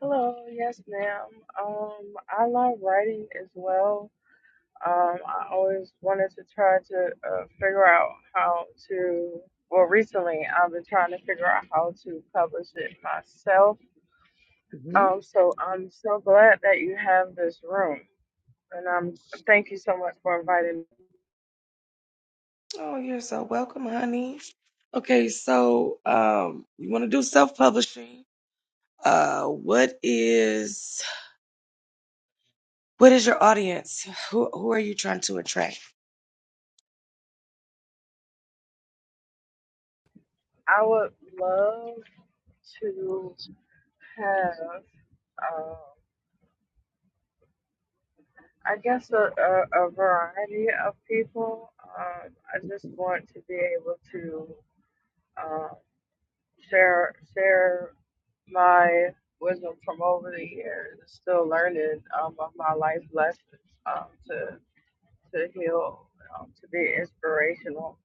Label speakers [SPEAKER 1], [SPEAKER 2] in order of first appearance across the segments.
[SPEAKER 1] Hello, yes, ma'am. Um, I love writing as well. Um, I always wanted to try to uh, figure out how to. Well, recently I've been trying to figure out how to publish it myself. Um, so I'm so glad that you have this room, and I'm thank you so much for inviting me. I would love to have. Um, I guess a, a, a variety of people. Um, I just want to be able to um, share share my wisdom from over the years, still learning um, of my life lessons um, to to heal, um, to be inspirational.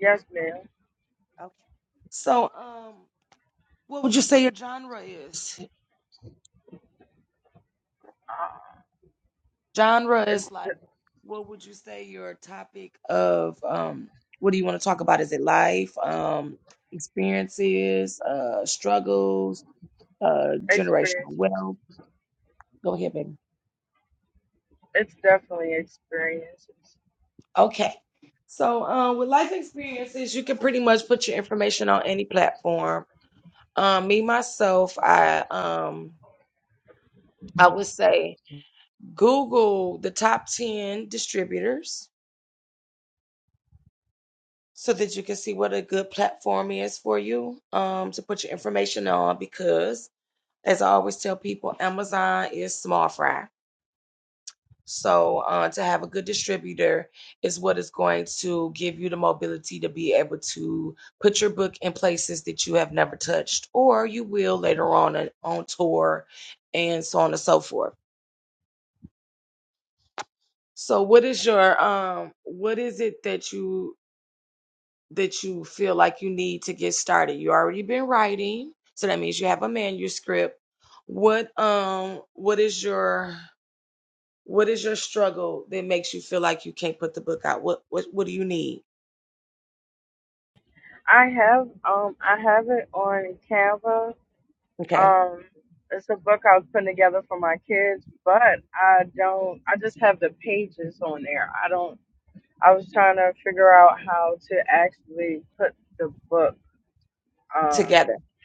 [SPEAKER 1] Yes, ma'am. Uh, it's the experiences. It's definitely experiences. I have um I have it on Canva Um, it's a book I was putting together for my kids, but I don't. I just have the pages on there. I don't. I was trying to figure out how to actually put the book. Um,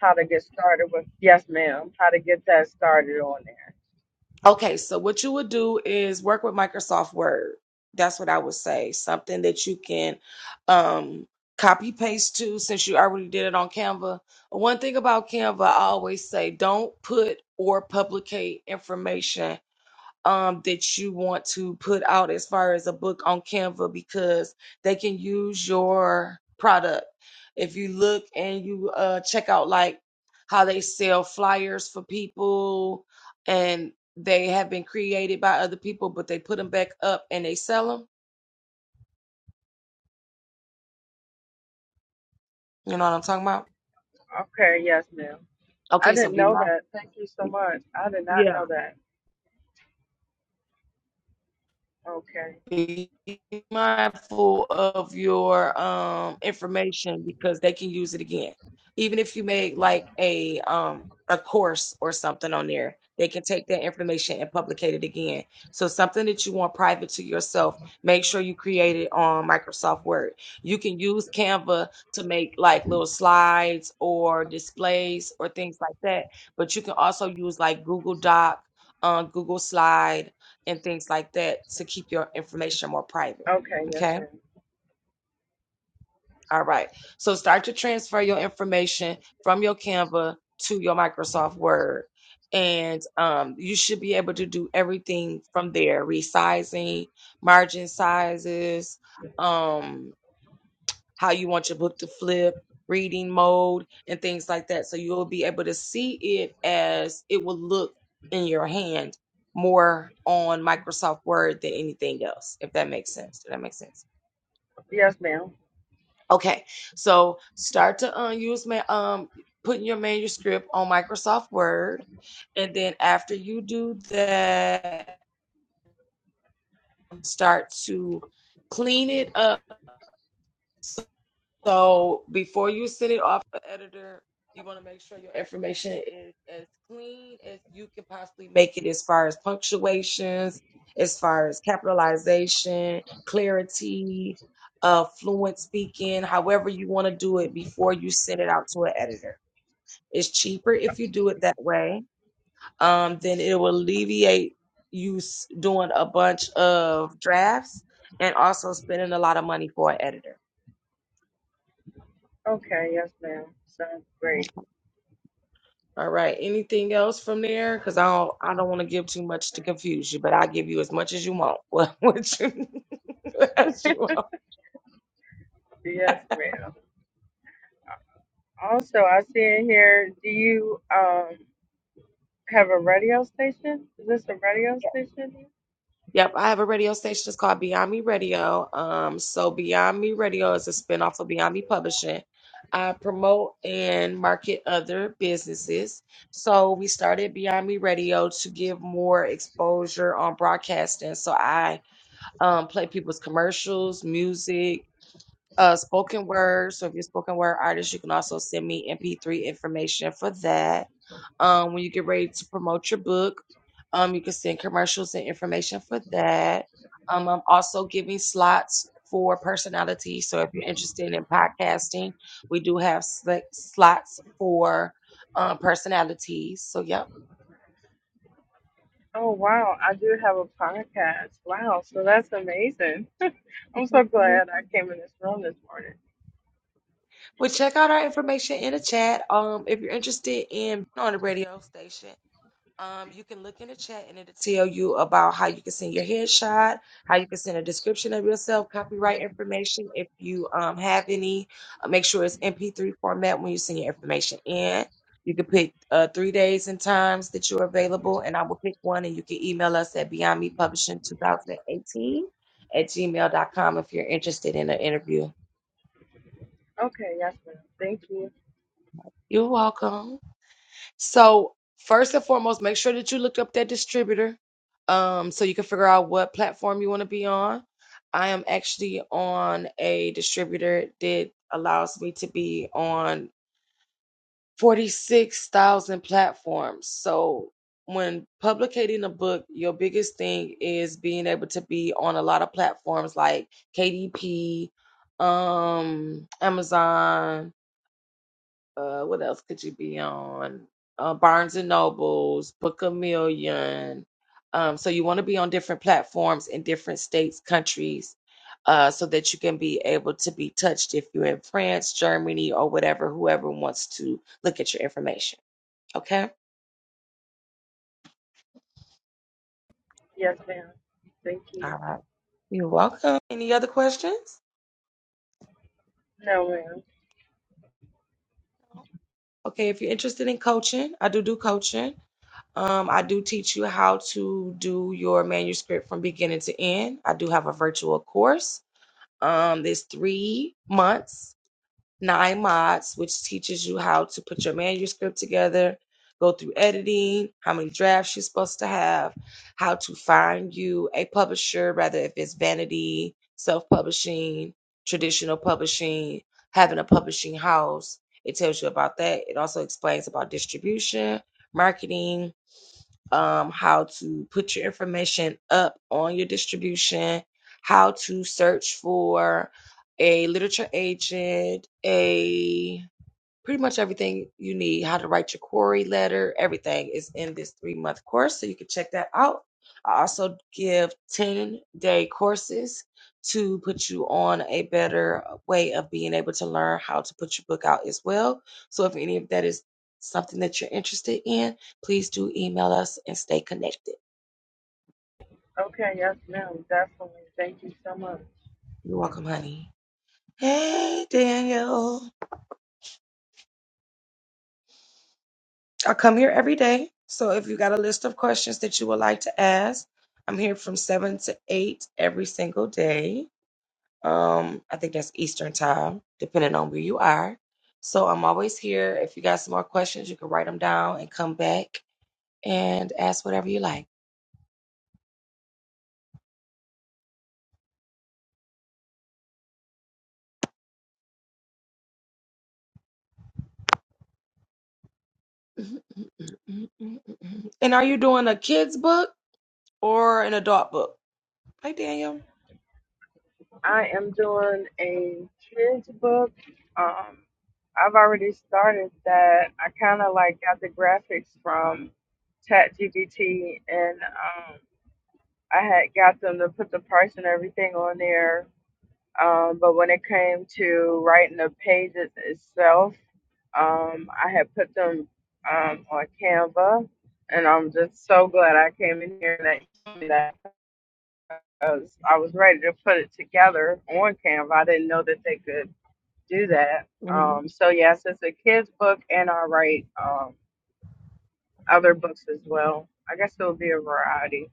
[SPEAKER 1] how to get started with? Yes, ma'am. How to get that started on there? Okay, yes, ma'am. I didn't know that. Thank you so much. I did not know that. Okay. Okay, yes, ma'am. Yes, ma'am. Okay, yes, ma'am. Sounds great. Yes, ma'am. Also, I see in here, do you um have a radio station? Is this a radio station? Oh wow, I do have a podcast. Wow, so that's amazing. I'm so glad I came in this room this morning. Okay, yes ma'am. Thank you. Yes ma'am. Thank you. No ma'am. Okay, yes ma'am. Definitely. Thank you so much. I am doing a kids book. Um, I've already started that. I kind of like got the graphics from ChatGPT, and um, I had got them to put the price and everything on there. Um, but when it came to writing the pages itself, um, I had put them um, on Canva, and I'm just so glad I came in here and that. you told me that was I was ready to put it together on Canva. I didn't know that they could do that. Um, so yes, it's a kids book, and I write um, other books as well. I guess it'll be a variety.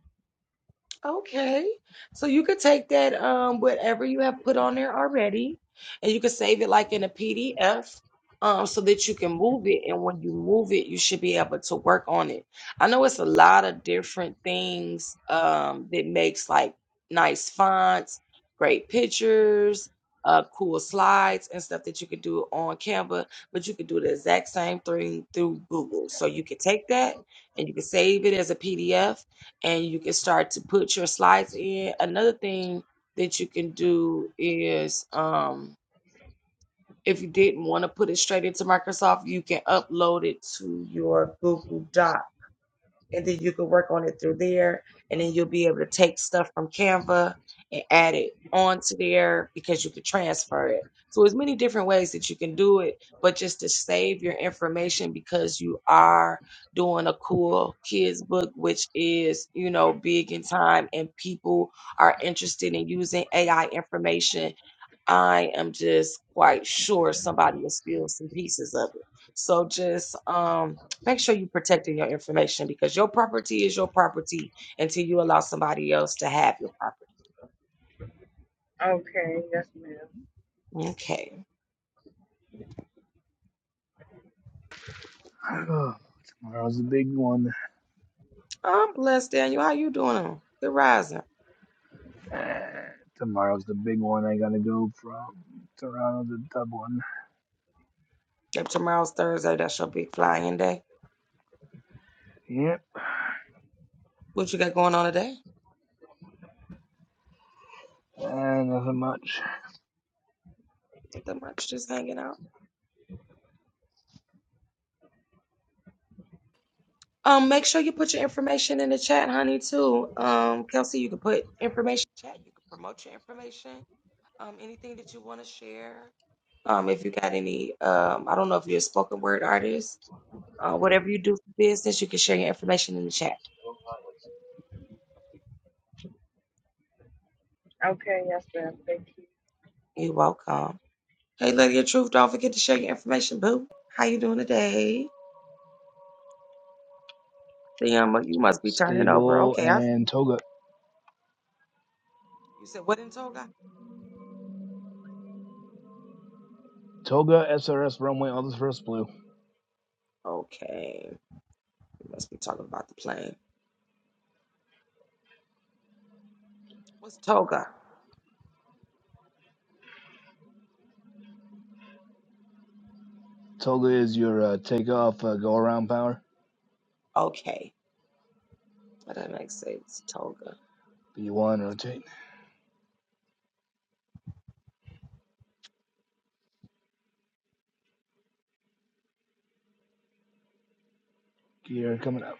[SPEAKER 1] Okay, yes, ma'am.
[SPEAKER 2] Oh, tomorrow's the big one. Eh, Tomorrow's the big one. I gotta go from Toronto to Dublin. Yep, and nothing much.
[SPEAKER 1] Okay, yes, ma'am. Thank you.
[SPEAKER 2] Stable and Toga. Toga SRS runway all this first blue. Toga is your uh, takeoff uh, go around power. B1 rotate. Gear coming up.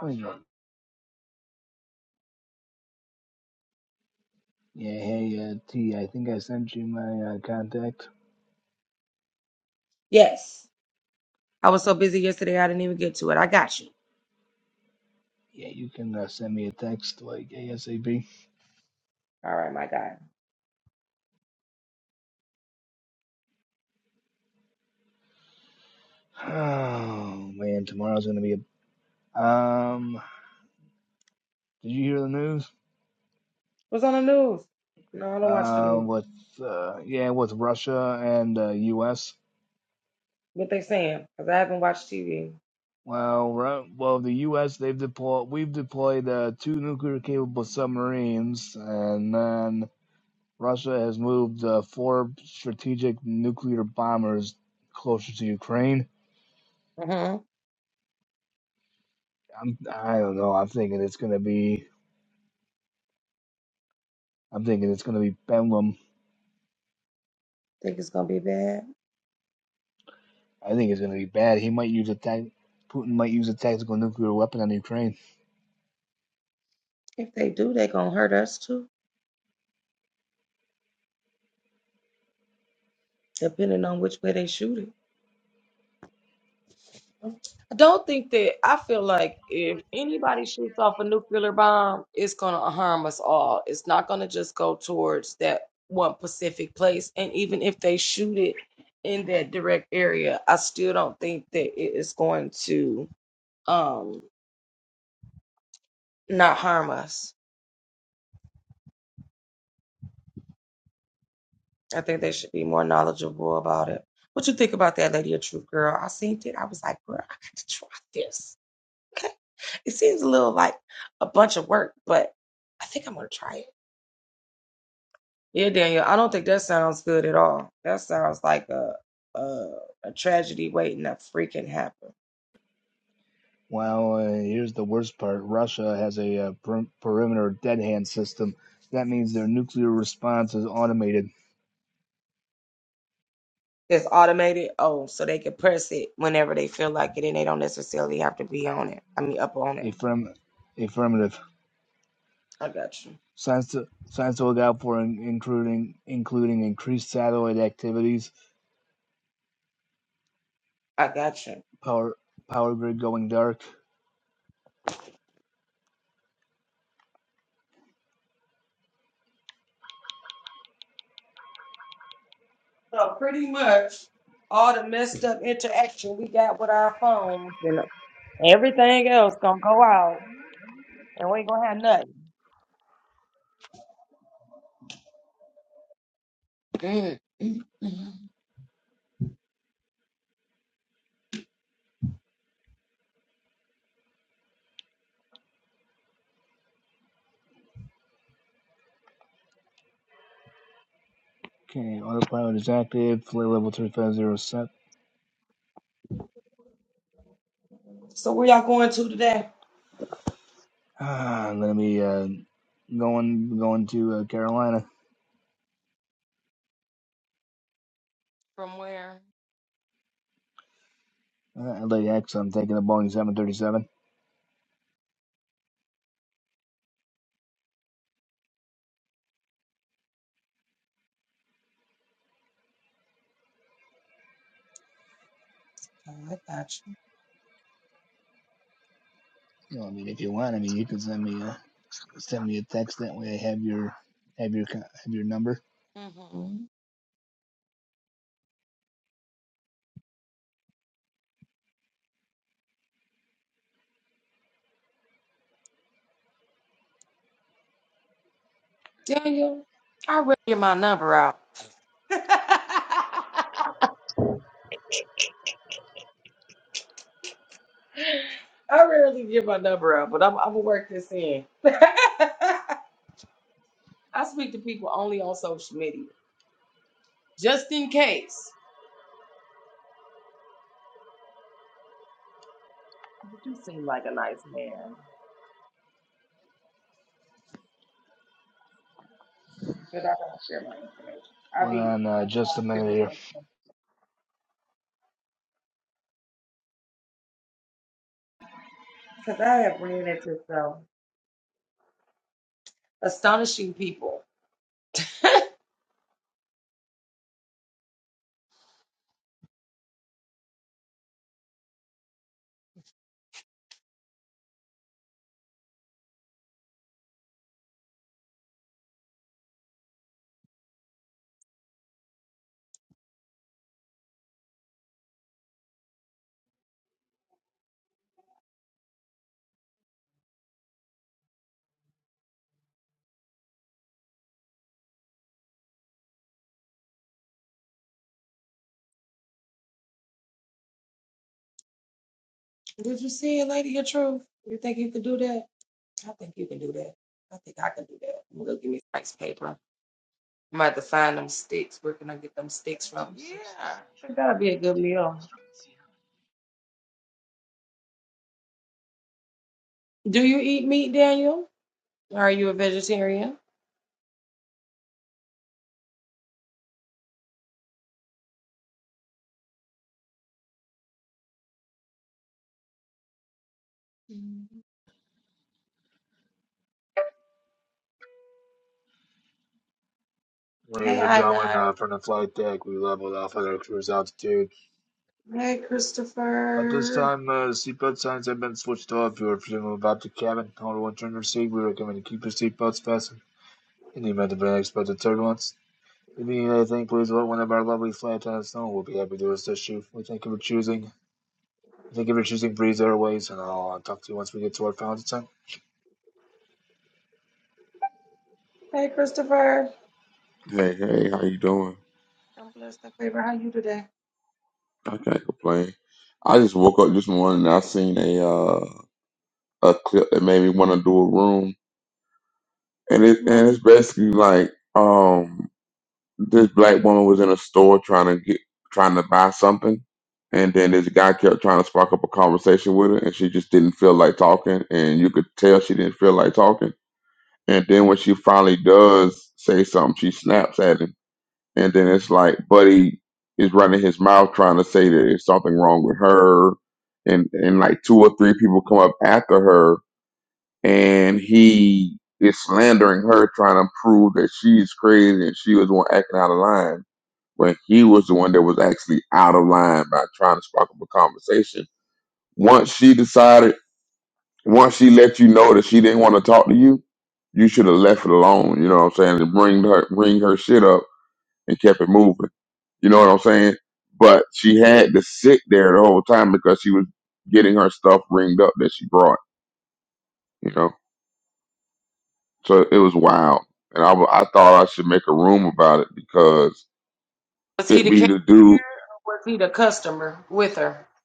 [SPEAKER 2] What is wrong? Yeah, hey uh, T, I think I sent you my uh, contact. Yeah, you can uh, send me a text like ASAP. Oh man, tomorrow's gonna be a Um, did you hear the news? Uh, with uh, yeah, with Russia and uh, U.S. Well, Ru- well, the U.S. they've deployed we've deployed uh, two nuclear capable submarines, and then Russia has moved uh, four strategic nuclear bombers closer to Ukraine. I'm I don't know. I'm thinking it's gonna be I'm thinking it's gonna be Bedlam. I think it's gonna be bad. He might use a tac Putin might use a tactical nuclear weapon on Ukraine. Well, uh, here's the worst part. Russia has a uh, per- perimeter dead hand system. That means their nuclear response is automated. Affirm- affirmative. Signs to, signs to look out for, in- including including increased satellite activities, power power grid going dark. Okay, autopilot is active. Flight level three five zero set. Ah, I'm gonna be uh, going going to uh, Carolina. Uh, LAX. am taking a Boeing 737. You know, I mean, if you want, I mean, you could send me. a Send me a text that way. I have your have your have your number. Went on uh, just a minute here. Ladies and gentlemen, uh, from the flight deck, we leveled off at our cruise altitude. At this time, uh, seatbelt signs have been switched off. You are fleeing about the cabin. Hold one turn to receive. We recommend you keep your seatbelts fastened in the event of an unexpected turbulence. If you need anything, please let one of our lovely flight attendants know. We'll be happy to assist you. We thank you for choosing. Thank you for choosing Breeze Airways, and I'll uh, talk to you once we get to our final descent.
[SPEAKER 3] Hey, hey, how you doing? I can't complain. I just woke up this morning and I seen a uh, a clip that made me want to do a room, and it and it's basically like um this black woman was in a store trying to get trying to buy something, and then this guy kept trying to spark up a conversation with her, and she just didn't feel like talking, and you could tell she didn't feel like talking. And then when she finally does say something, she snaps at him And then it's like Buddy is running his mouth trying to say that there's something wrong with her. And and like two or three people come up after her and he is slandering her, trying to prove that she's crazy and she was the one acting out of line when he was the one that was actually out of line by trying to spark up a conversation. Once she decided, once she let you know that she didn't want to talk to you, you should have left it alone. You know what I'm saying? To bring her bring her shit up and kept it moving. You know what I'm saying? But she had to sit there the whole time because she was getting her stuff ringed up that she brought, you know? So it was wild. And I, w- I thought I should make a room about it because it be the dude.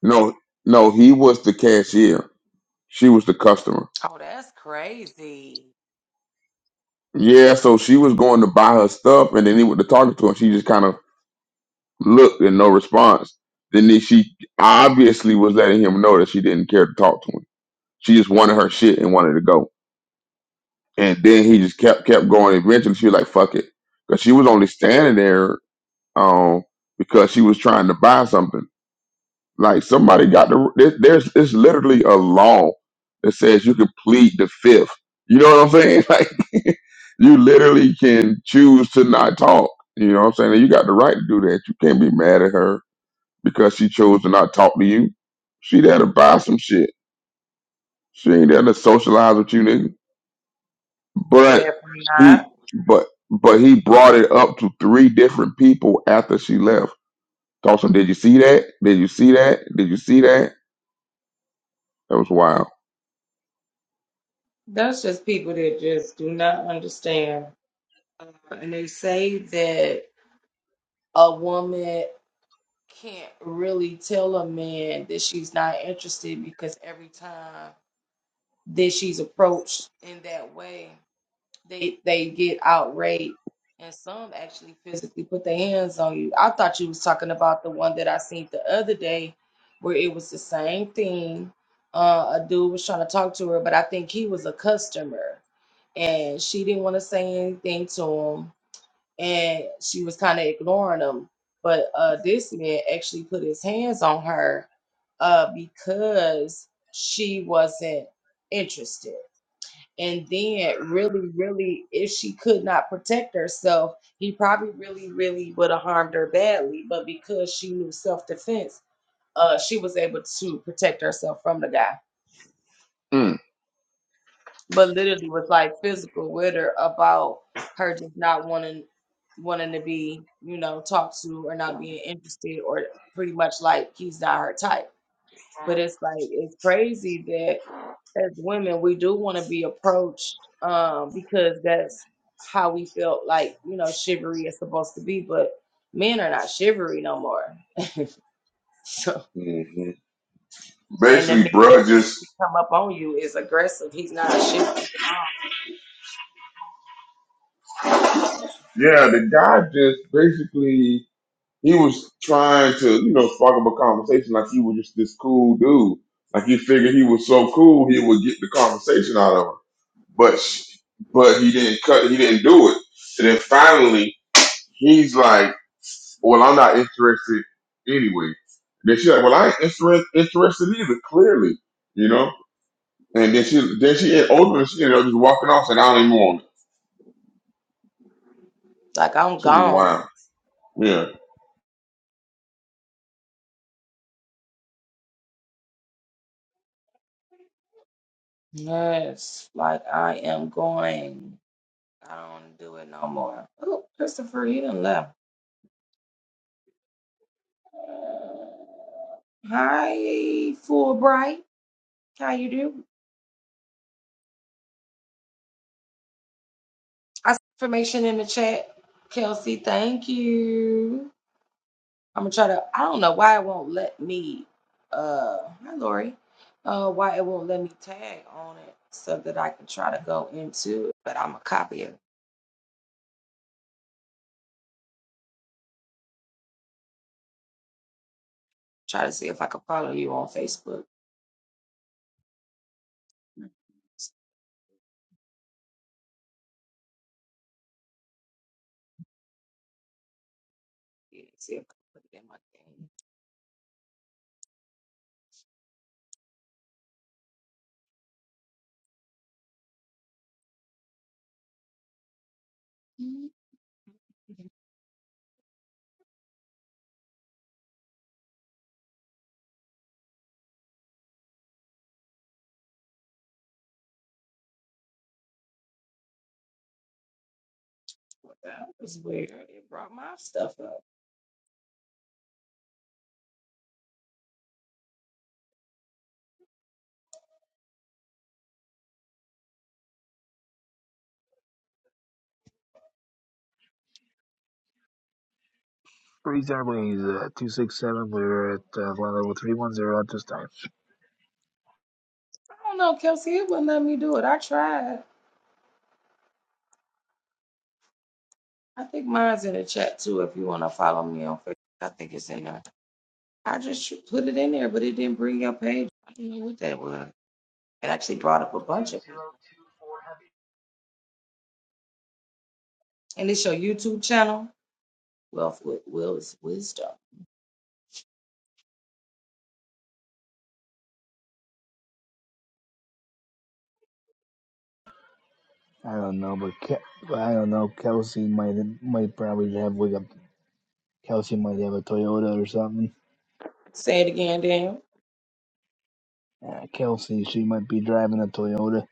[SPEAKER 3] No, no, he was the cashier. She was the customer. Yeah, so she was going to buy her stuff and then he went to talking to her. She just kind of looked and no response. Then he- she obviously was letting him know that she didn't care to talk to him. She just wanted her shit and wanted to go. And then he just kept kept going. Eventually, she was like, "Fuck it," because she was only standing there um, because she was trying to buy something. Like somebody got the there- there's it's literally a law that says you can plead the fifth. You know what I'm saying? Like you literally can choose to not talk. You know what I'm saying? And you got the right to do that. You can't be mad at her because she chose to not talk to you. She there to buy some shit. She ain't there to socialize with you, nigga. But he but but he brought it up to three different people after she left. Dawson, did you see that? Did you see that? Did you see that? That was wild. Mm. hmm Basically, bruh just yeah, the guy just basically he was trying to, you know, spark up a conversation like he was just this cool dude. Like he figured he was so cool he would get the conversation out of her. But sh- but he didn't cut he didn't do it. And then finally he's like Well, I'm not interested anyway. Then she's like, Well, I ain't interest, interested either, clearly, you know? And then she then she ultimately she ended up just walking off and I don't even want it. She was wild. Yeah.
[SPEAKER 2] Three uh, 267. We're at uh, level 310 at this time. I don't know, but Ke- I don't know. Kelsey might might probably have like a Kelsey might have a Toyota or something. Uh, Kelsey, she might be driving a Toyota.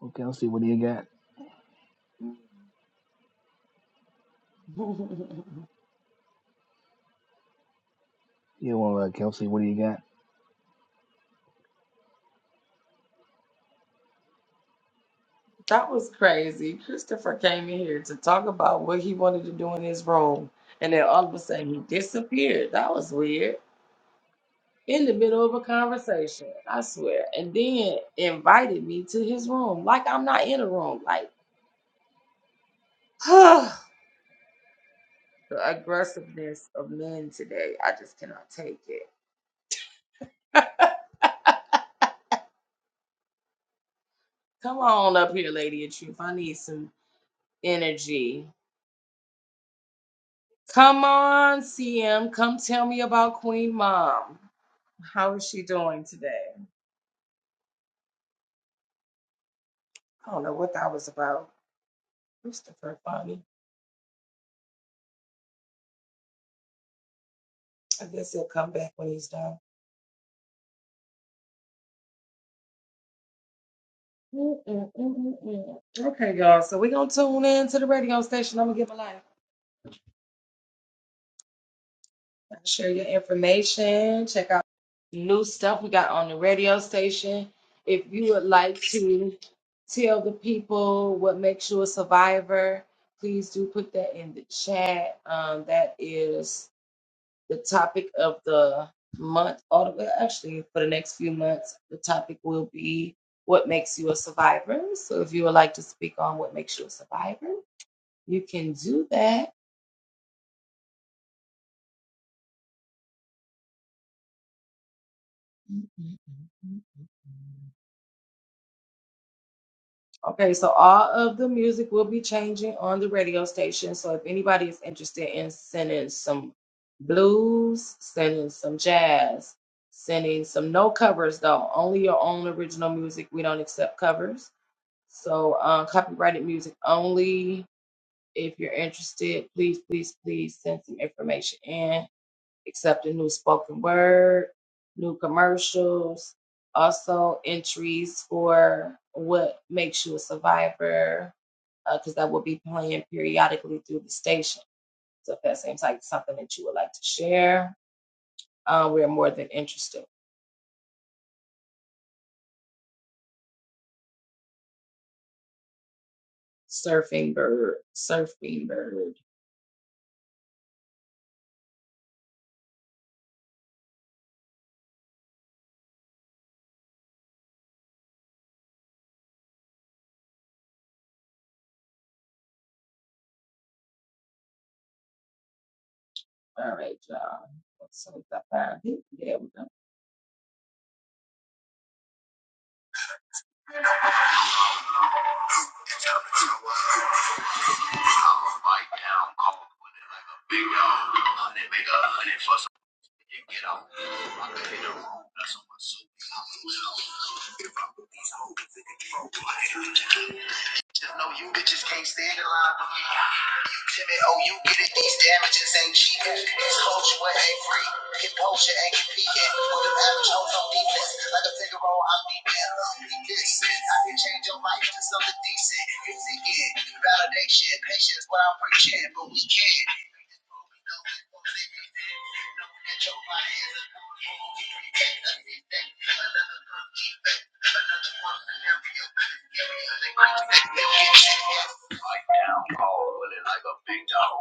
[SPEAKER 2] Well, Kelsey, what do you got? You want uh, Kelsey? What do you got?
[SPEAKER 4] Bite down, call Big Dog. Honey, make a honey for some. You get out. I could hit the road. That's on my soul. I'm a If I put these hoes in control, I ain't a child. Just know you bitches can't stand it loud. Timid oh you get it, these damages ain't cheap. This culture ain't free. Hip culture ain't competing with them average hoes on defense. Like a finger roll, I'm deep in. Need this. I can change your life to something decent. You seek it validation, patience, what I'm preaching, but we can't. Another one scenario, another one scenario. Like down cold, feeling like a big dog.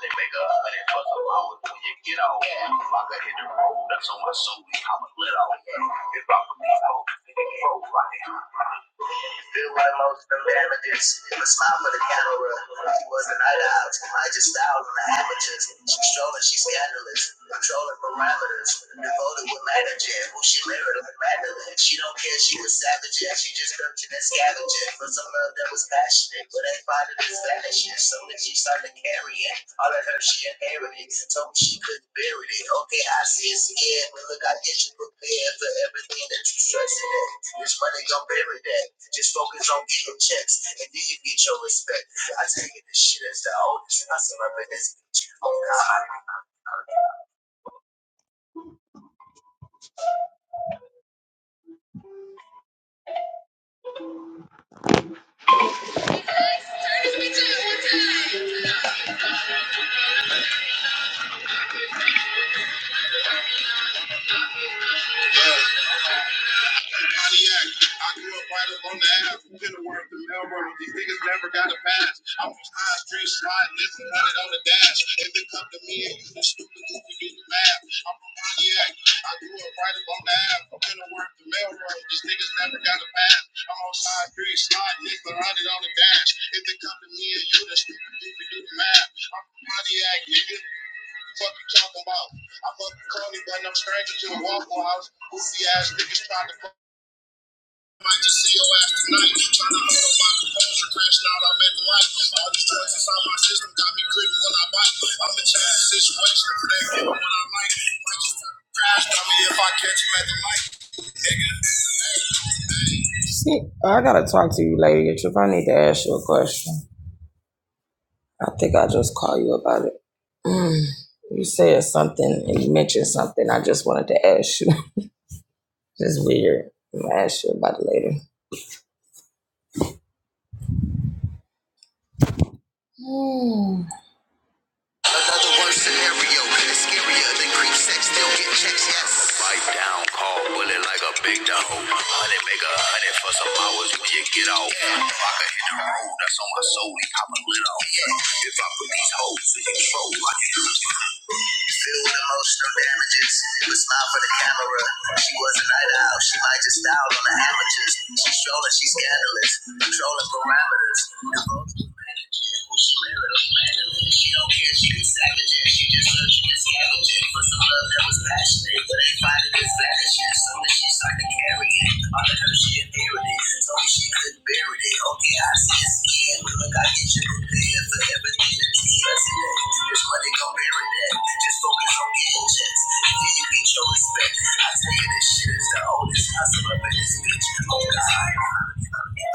[SPEAKER 4] They make a hundred for the road when you get off. If I could hit the road, that's on my soul. I'm let little. If I could be old, then it grow right. Feel right most of them damages. A smile for the camera. She was a night out. I just styled on the amateurs. She's trolling, she's scandalous. Controlling parameters. Devoted with managing. Who she married like Madeline. She don't care, she was savage. Yeah, she just searching and scavenging. For some love that was passionate. But ain't finding it vanishing. So when she started carrying. All of her she inherited. Told me she couldn't bury it. Okay, I see it's scared. But look, I get you prepared for everything that you stressing at. This money gon' bury that. Just focus on getting checks, and then you get your respect. I take this shit as the oldest, and I surrender this bitch. Oh God. Pontiac. I grew up right up on the ass from Kenilworth to Melrose. These niggas never got a pass. I'm from High Street sliding this and running on the dash. If it come to me and you the stupid goofy do the math. I'm from Pontiac. I grew up right up on the ass from Kenilworth to Melrose. These niggas never got a pass. I'm on High Street sliding this and running on the dash. If it come to me and you the stupid goofy do the math. I'm from Pontiac, nigga. Fuck you talking about? I'm up in Coney, but I'm stranger to a Waffle House. Goofy ass niggas trying to fuck might just see your ass tonight. Trying to hold my composure, crashing out, I'm at the light. All these drugs inside my system got me gritting when I bite. I'm in change the situation, protect me when I like. Might just crash on me if I catch him at the light. See, I gotta talk to you later, if I need to ask you a question. I think I just call you about it. Mm. You said something and you mentioned something. I just wanted to ask you. It's weird. I'm gonna ask you about it later. Mm. ill and it's scarier than creep sex. Still get checks, yes. Bite down, call bullet like a big dog. Honey, make a honey for some hours when you get off. Yeah. If I could hit the road, that's on my soul, he pop a lid off. Yeah. If I put these hoes in control, I can do it. Filled with emotional damages. With smile for the camera. She was a night owl. She might just style on the amateurs. She's trolling, she's scandalous. Controlling parameters. She live She don't care, she savage, she just searching and scavenging for some love that was passionate. But ain't finding this vanishing. Soon as she started carrying, all the she inherited. Told me she could bury it. Okay, I see it's look, I get you prepared for everything that trust in. This money gon' bury that. Just focus on getting checks, then you get your respect. I tell you, this shit is the oldest hustle up in this bitch. Oh, God.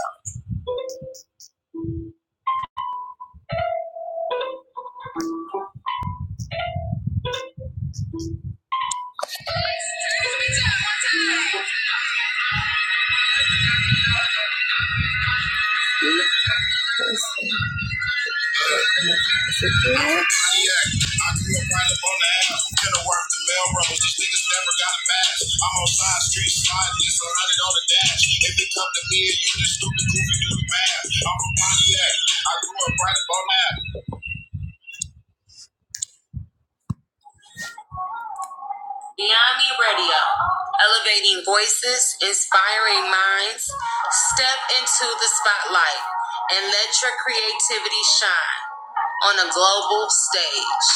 [SPEAKER 4] Yeah, I grew up right up on the app from Kenilworth to Melrose. These niggas never got a pass. I'm on side street sliding, just a hundred on the dash. If it come to me and you just stupid goofy do the math. I'm from Pontiac. I grew up right up on the Beyond Me Radio, elevating voices, inspiring minds. Step into the spotlight and let your creativity shine on a global stage.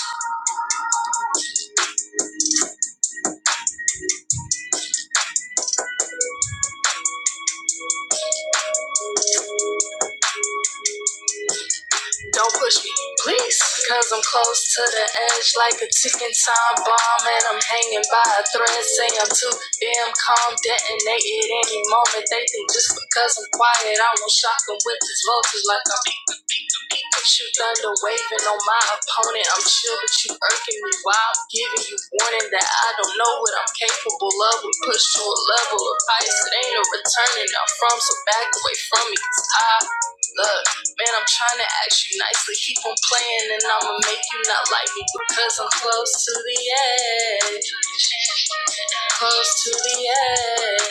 [SPEAKER 4] Don't push me, please, cause I'm close to the edge like a ticking time bomb, and I'm hanging by a thread. Say I'm too damn calm, detonate at any moment. They think just because I'm quiet, I won't shock shock them with this voltage like I'm. Shoot thunder waving on my opponent. I'm chill, but you irking me. While I'm giving you warning that I don't know what I'm capable of. We push to a level of ice that ain't no returning. I'm from, so back away from me. Cause I look, man, I'm trying to ask you nicely. Keep on playing, and I'ma make you not like me because I'm close to the edge. Close to the edge.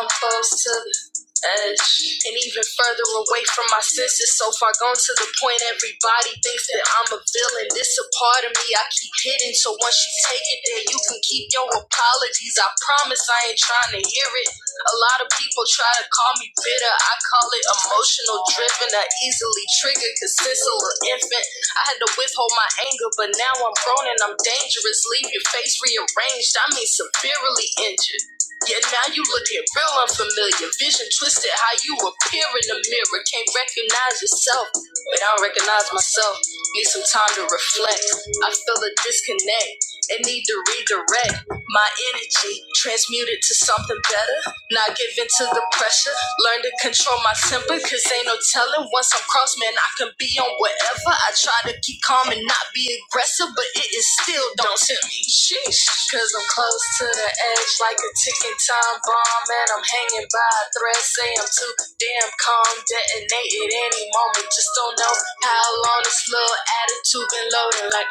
[SPEAKER 4] I'm close to the edge and even further away from my senses. So far gone to the point everybody thinks that I'm a villain. This a part of me I keep hidden. So once you take it there, you can keep your apologies. I promise I ain't trying to hear it. A lot of people try to call me bitter. I call it emotional driven. I easily triggered because since a little infant, I had to withhold my anger. But now I'm grown and I'm dangerous. Leave your face rearranged. I mean, severely injured. Yeah, now you looking real unfamiliar. Vision twisted, how you appear in the mirror. Can't recognize yourself, but I don't recognize myself. Need some time to reflect. I feel a disconnect and need to redirect my energy, transmute it to something better. Not give in to the pressure. Learn to control my temper, cause ain't no telling. Once I'm crossed, man, I can be on whatever. I try to keep calm and not be aggressive, but it is still don't tempt me. Sheesh. Cause I'm close to the edge like a ticking time bomb, and I'm hanging by a thread. Say I'm too damn calm, detonate at any moment. Just don't know how long this little attitude been loading like.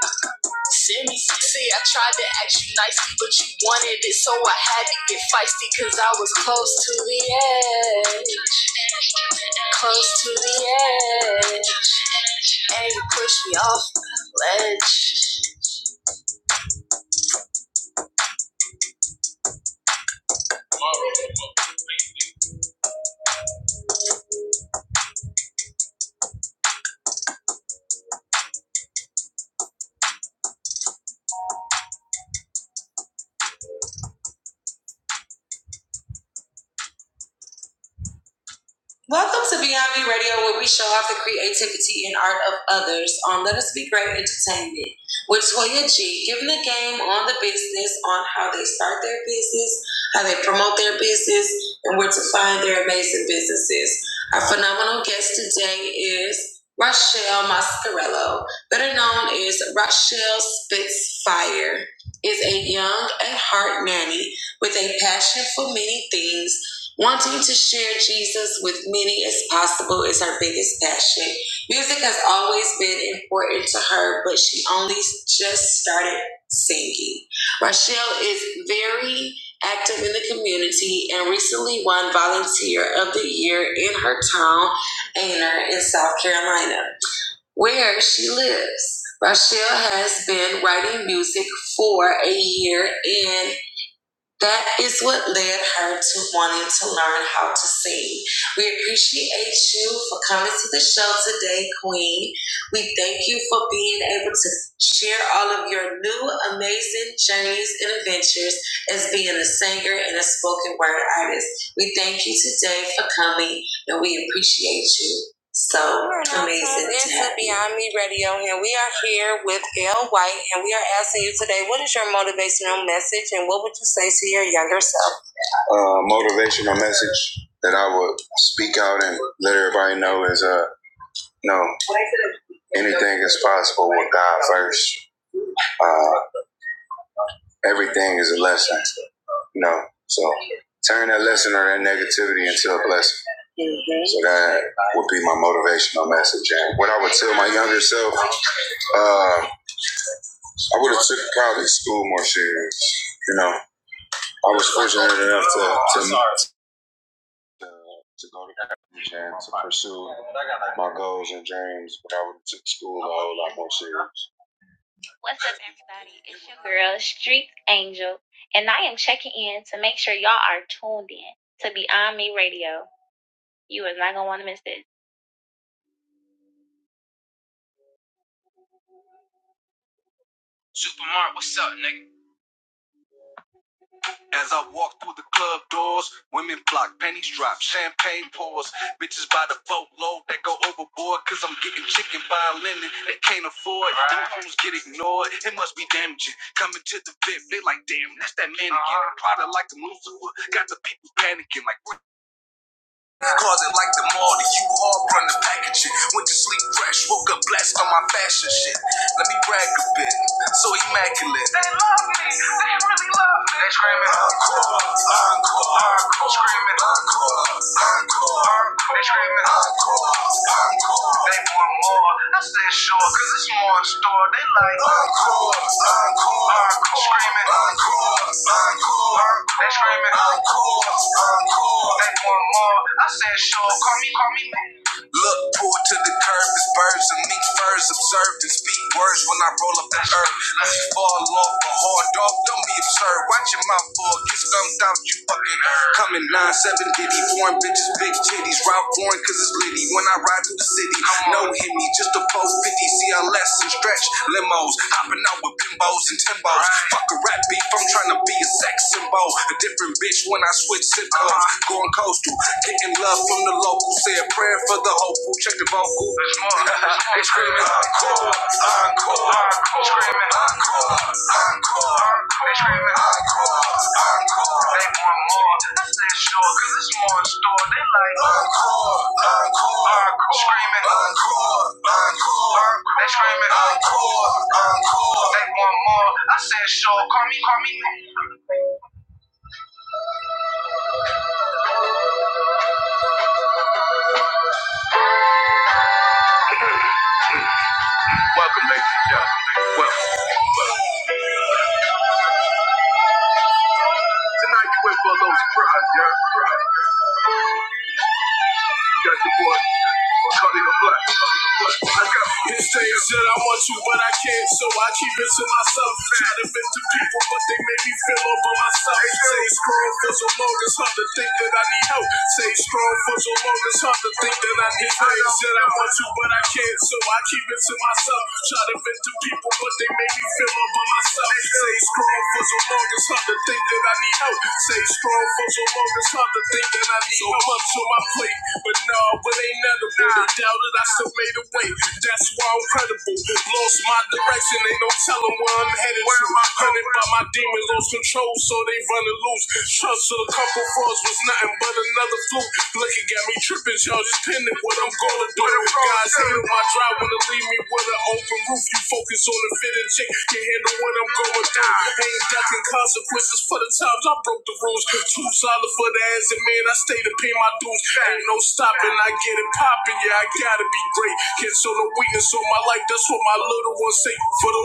[SPEAKER 4] Send me See, I tried to act you nicely, but you wanted it, so I had to get feisty, cause I was close to the edge. Close to the edge. And you pushed me off the ledge. Welcome to Beyond Me Radio, where we show off the creativity and art of others on Let Us Be Great Entertainment with Toya G, giving the game on the business, on how they start their business, how they promote their business, and where to find their amazing businesses. Our phenomenal guest today is Rochelle Mascarello, better known as Rochelle Spitfire, is a young at heart nanny with a passion for many things Wanting to share Jesus with many as possible is her biggest passion. Music has always been important to her, but she only just started singing. Rochelle is very active in the community and recently won Volunteer of the Year in her town, Aner, in South Carolina, where she lives. Rochelle has been writing music for a year and. That is what led her to wanting to learn how to sing. We appreciate you for coming to the show today, Queen. We thank you for being able to share all of your new amazing journeys and adventures as being a singer and a spoken word artist. We thank you today for coming and we appreciate you. So amazing. to have you. Beyond Me Radio and we are here with Gail White, and we are asking you today, what is your motivational message, and what would you say to your younger self? Is uh, no, anything is possible with God first. Uh, everything is a lesson. No, so turn that lesson or that negativity into a blessing. So that would be my motivational message. And what I would tell my younger self, uh, I would have took probably school more serious. You know, I was fortunate enough to, to to, to go to college and to pursue my goals and dreams, but I would have took school a whole lot more serious. What's up, everybody? It's your girl, Street Angel, and I am checking in to make our tuned in to Beyond Me Radio. It's not what's up, nigga? As I walk through the club doors, women flock, pennies drop, champagne pours. Bitches by the boatload that go overboard, cause I'm getting chicken by a linen they can't afford. Right. Them homes get ignored, it must be damaging. Coming to the VIP, they like, damn, that's that mannequin. Uh-huh. Product like the Lucifer, got the people panicking like, what? Closet like the mall, the U-Haul run the packaging. Went to sleep fresh, woke up blessed on my fashion shit. Let me brag a bit, so immaculate love me. They really love me. They screaming encore, encore, encore, screaming encore, encore, encore. They screaming encore, encore. They want more. I said sure, 'cause it's more in store. They like encore, encore, encore, screaming encore, encore. They screaming encore, encore. They want more. I said sure, call me, call me. Look, pulled to the curb, it's birds and mink furs observed and speak words when I roll up the earth. Unless you fall off a hard dog, don't be absurd. Watch your mouth or get thumbed out, you fucking nerd. Coming 9-7, diddy, foreign bitches, big titties. Rob foreign cause it's litty when I ride through the city. No hit me, just a 450 CLS and stretch limos. Hopping out with bimbos and timbos. Fuck a rap beef, I'm tryna be a sex symbol. A different bitch when I switch symbols. Going coastal, getting love from the local. Say a prayer for the hopeful. Check the vocal. they screaming encore, encore, encore. encore. They screaming encore, encore. They want more. I said sure, cause it's more in store. They like encore, encore. encore. Screaming encore, encore. encore. They screaming encore, encore. They want more. I said sure. Call me, call me. Wait for those brothers, yeah. Got your boy, cutting the This same shit I want you, but I can't, so I keep it to myself. Try to vent to people, but they make me feel over myself. Stay strong for so long, it's hard to think that I need help. Stay strong for so long, it's hard to think that I need help. This shit I want you, but I can't, so I keep it to myself. Try to vent to people, but they make me feel over myself. Stay strong for so long, it's hard to think that I need help. Stay strong for so long, it's hard to think that I need help. So I'm up to my place. But no, it ain't none of it. They doubted, I still made a way. That's why I'm credible. Lost my direction, ain't no telling where I'm headed to. Hunted by my demon, lost control, focus on the handle. Gotta be great. Forsake for the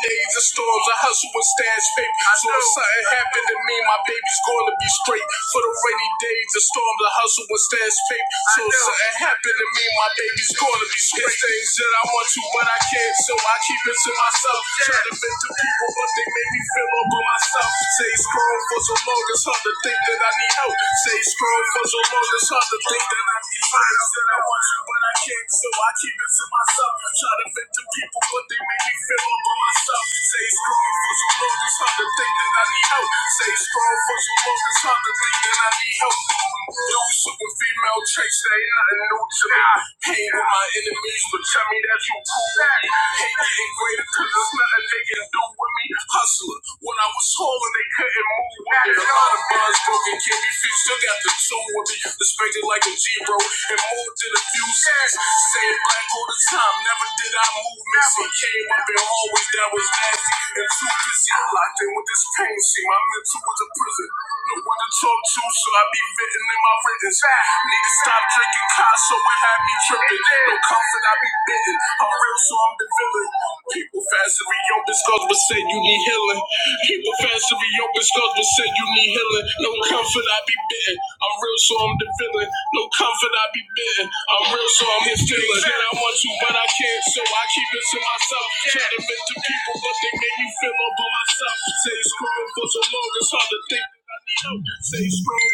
[SPEAKER 4] days of storms, I hustle with stash paper. So if something happened to me, my baby's going to be straight. For the rainy days of storms, I hustle with stash paper. So if something happened to me, my baby's going to be straight. It's things that I want to, but I can't, so I keep it to myself. Try to vent to people, but they make me feel all by myself. Stay strong for so long, it's hard to think that I need help. Stay strong for so long, it's hard to think that I need help. Things that I want to, but I can't, so I keep it to myself. I Try to vent to people, but they make me feel all by myself. Stay strong for so long, it's hard to think that I need help. Stay strong for so long, it's hard to think that I need help. Yo, super female chase, there ain't nothing new to me. Hate on my enemies, but tell me that you cool. with me. Hate getting greater, cause there's nothing they can do with me. Hustler, when I was hauling, they couldn't move with me. A lot of bonds broken, can't be fixed, still got the tune with me. Respected like a G, bro, and more than a few cents. Stayed black all the time, never did I move missing. Came up in hallways that was nasty and too busy. Locked in with this pain, see, my mental was a prison. Don't want to talk to, so I be written in my writings. Need to stop drinking cars, so it had me tripping. No comfort, I be bitten. I'm real, so I'm the villain. People fast to your discuss, but said you need healing. People fast to your discuss, but said you need healing. No comfort, I be bitten. I'm real, so I'm the villain. No comfort, I be bitten. I'm real, so I'm the feeling. That I want to, but I can't, so I keep it to myself. Try to vent to people, but they make me feel all by myself. Say it's growing for so long, it's hard to think. Stay strong. Think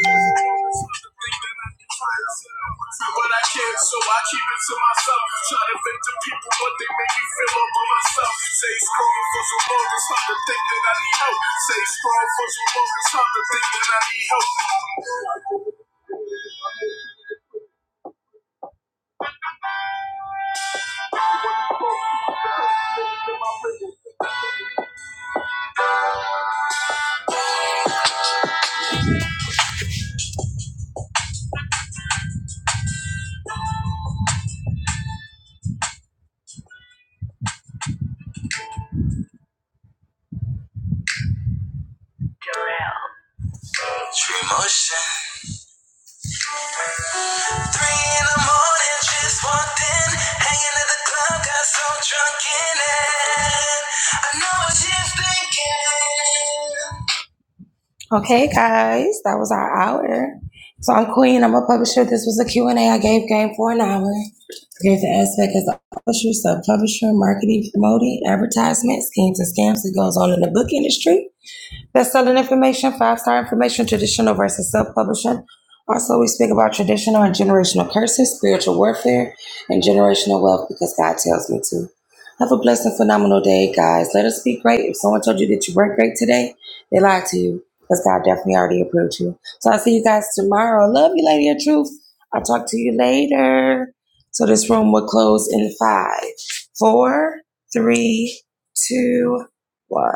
[SPEAKER 4] that I can try to sit I can, so I keep it to myself. Try to fake the people, but they make me feel over myself. Stay strong for so long, it's hard to think that I need help. Stay strong for so long, it's hard to think that I need help. Emotion. Three in the morning, just walked in, hanging at the club, got so drunk in it. I know what she's thinking. Okay, guys, that was our hour. So I'm Queen. I'm a publisher. This was a Q and A. I gave game for an hour. Gave the aspect as a publisher, sub-publisher, marketing, promoting, advertisement, schemes and scams that goes on in the book industry. Best-selling information, five-star information, traditional versus self-publishing. Also, we speak about traditional and generational curses, spiritual warfare, and generational wealth because God tells me to. Have a blessed and phenomenal day, guys. Let us be great. If someone told you that you weren't great today, they lied to you because God definitely already approved you. So I'll see you guys tomorrow. Love you, Lady of Truth. I'll talk to you later. So this room will close in five, four, three, two, one.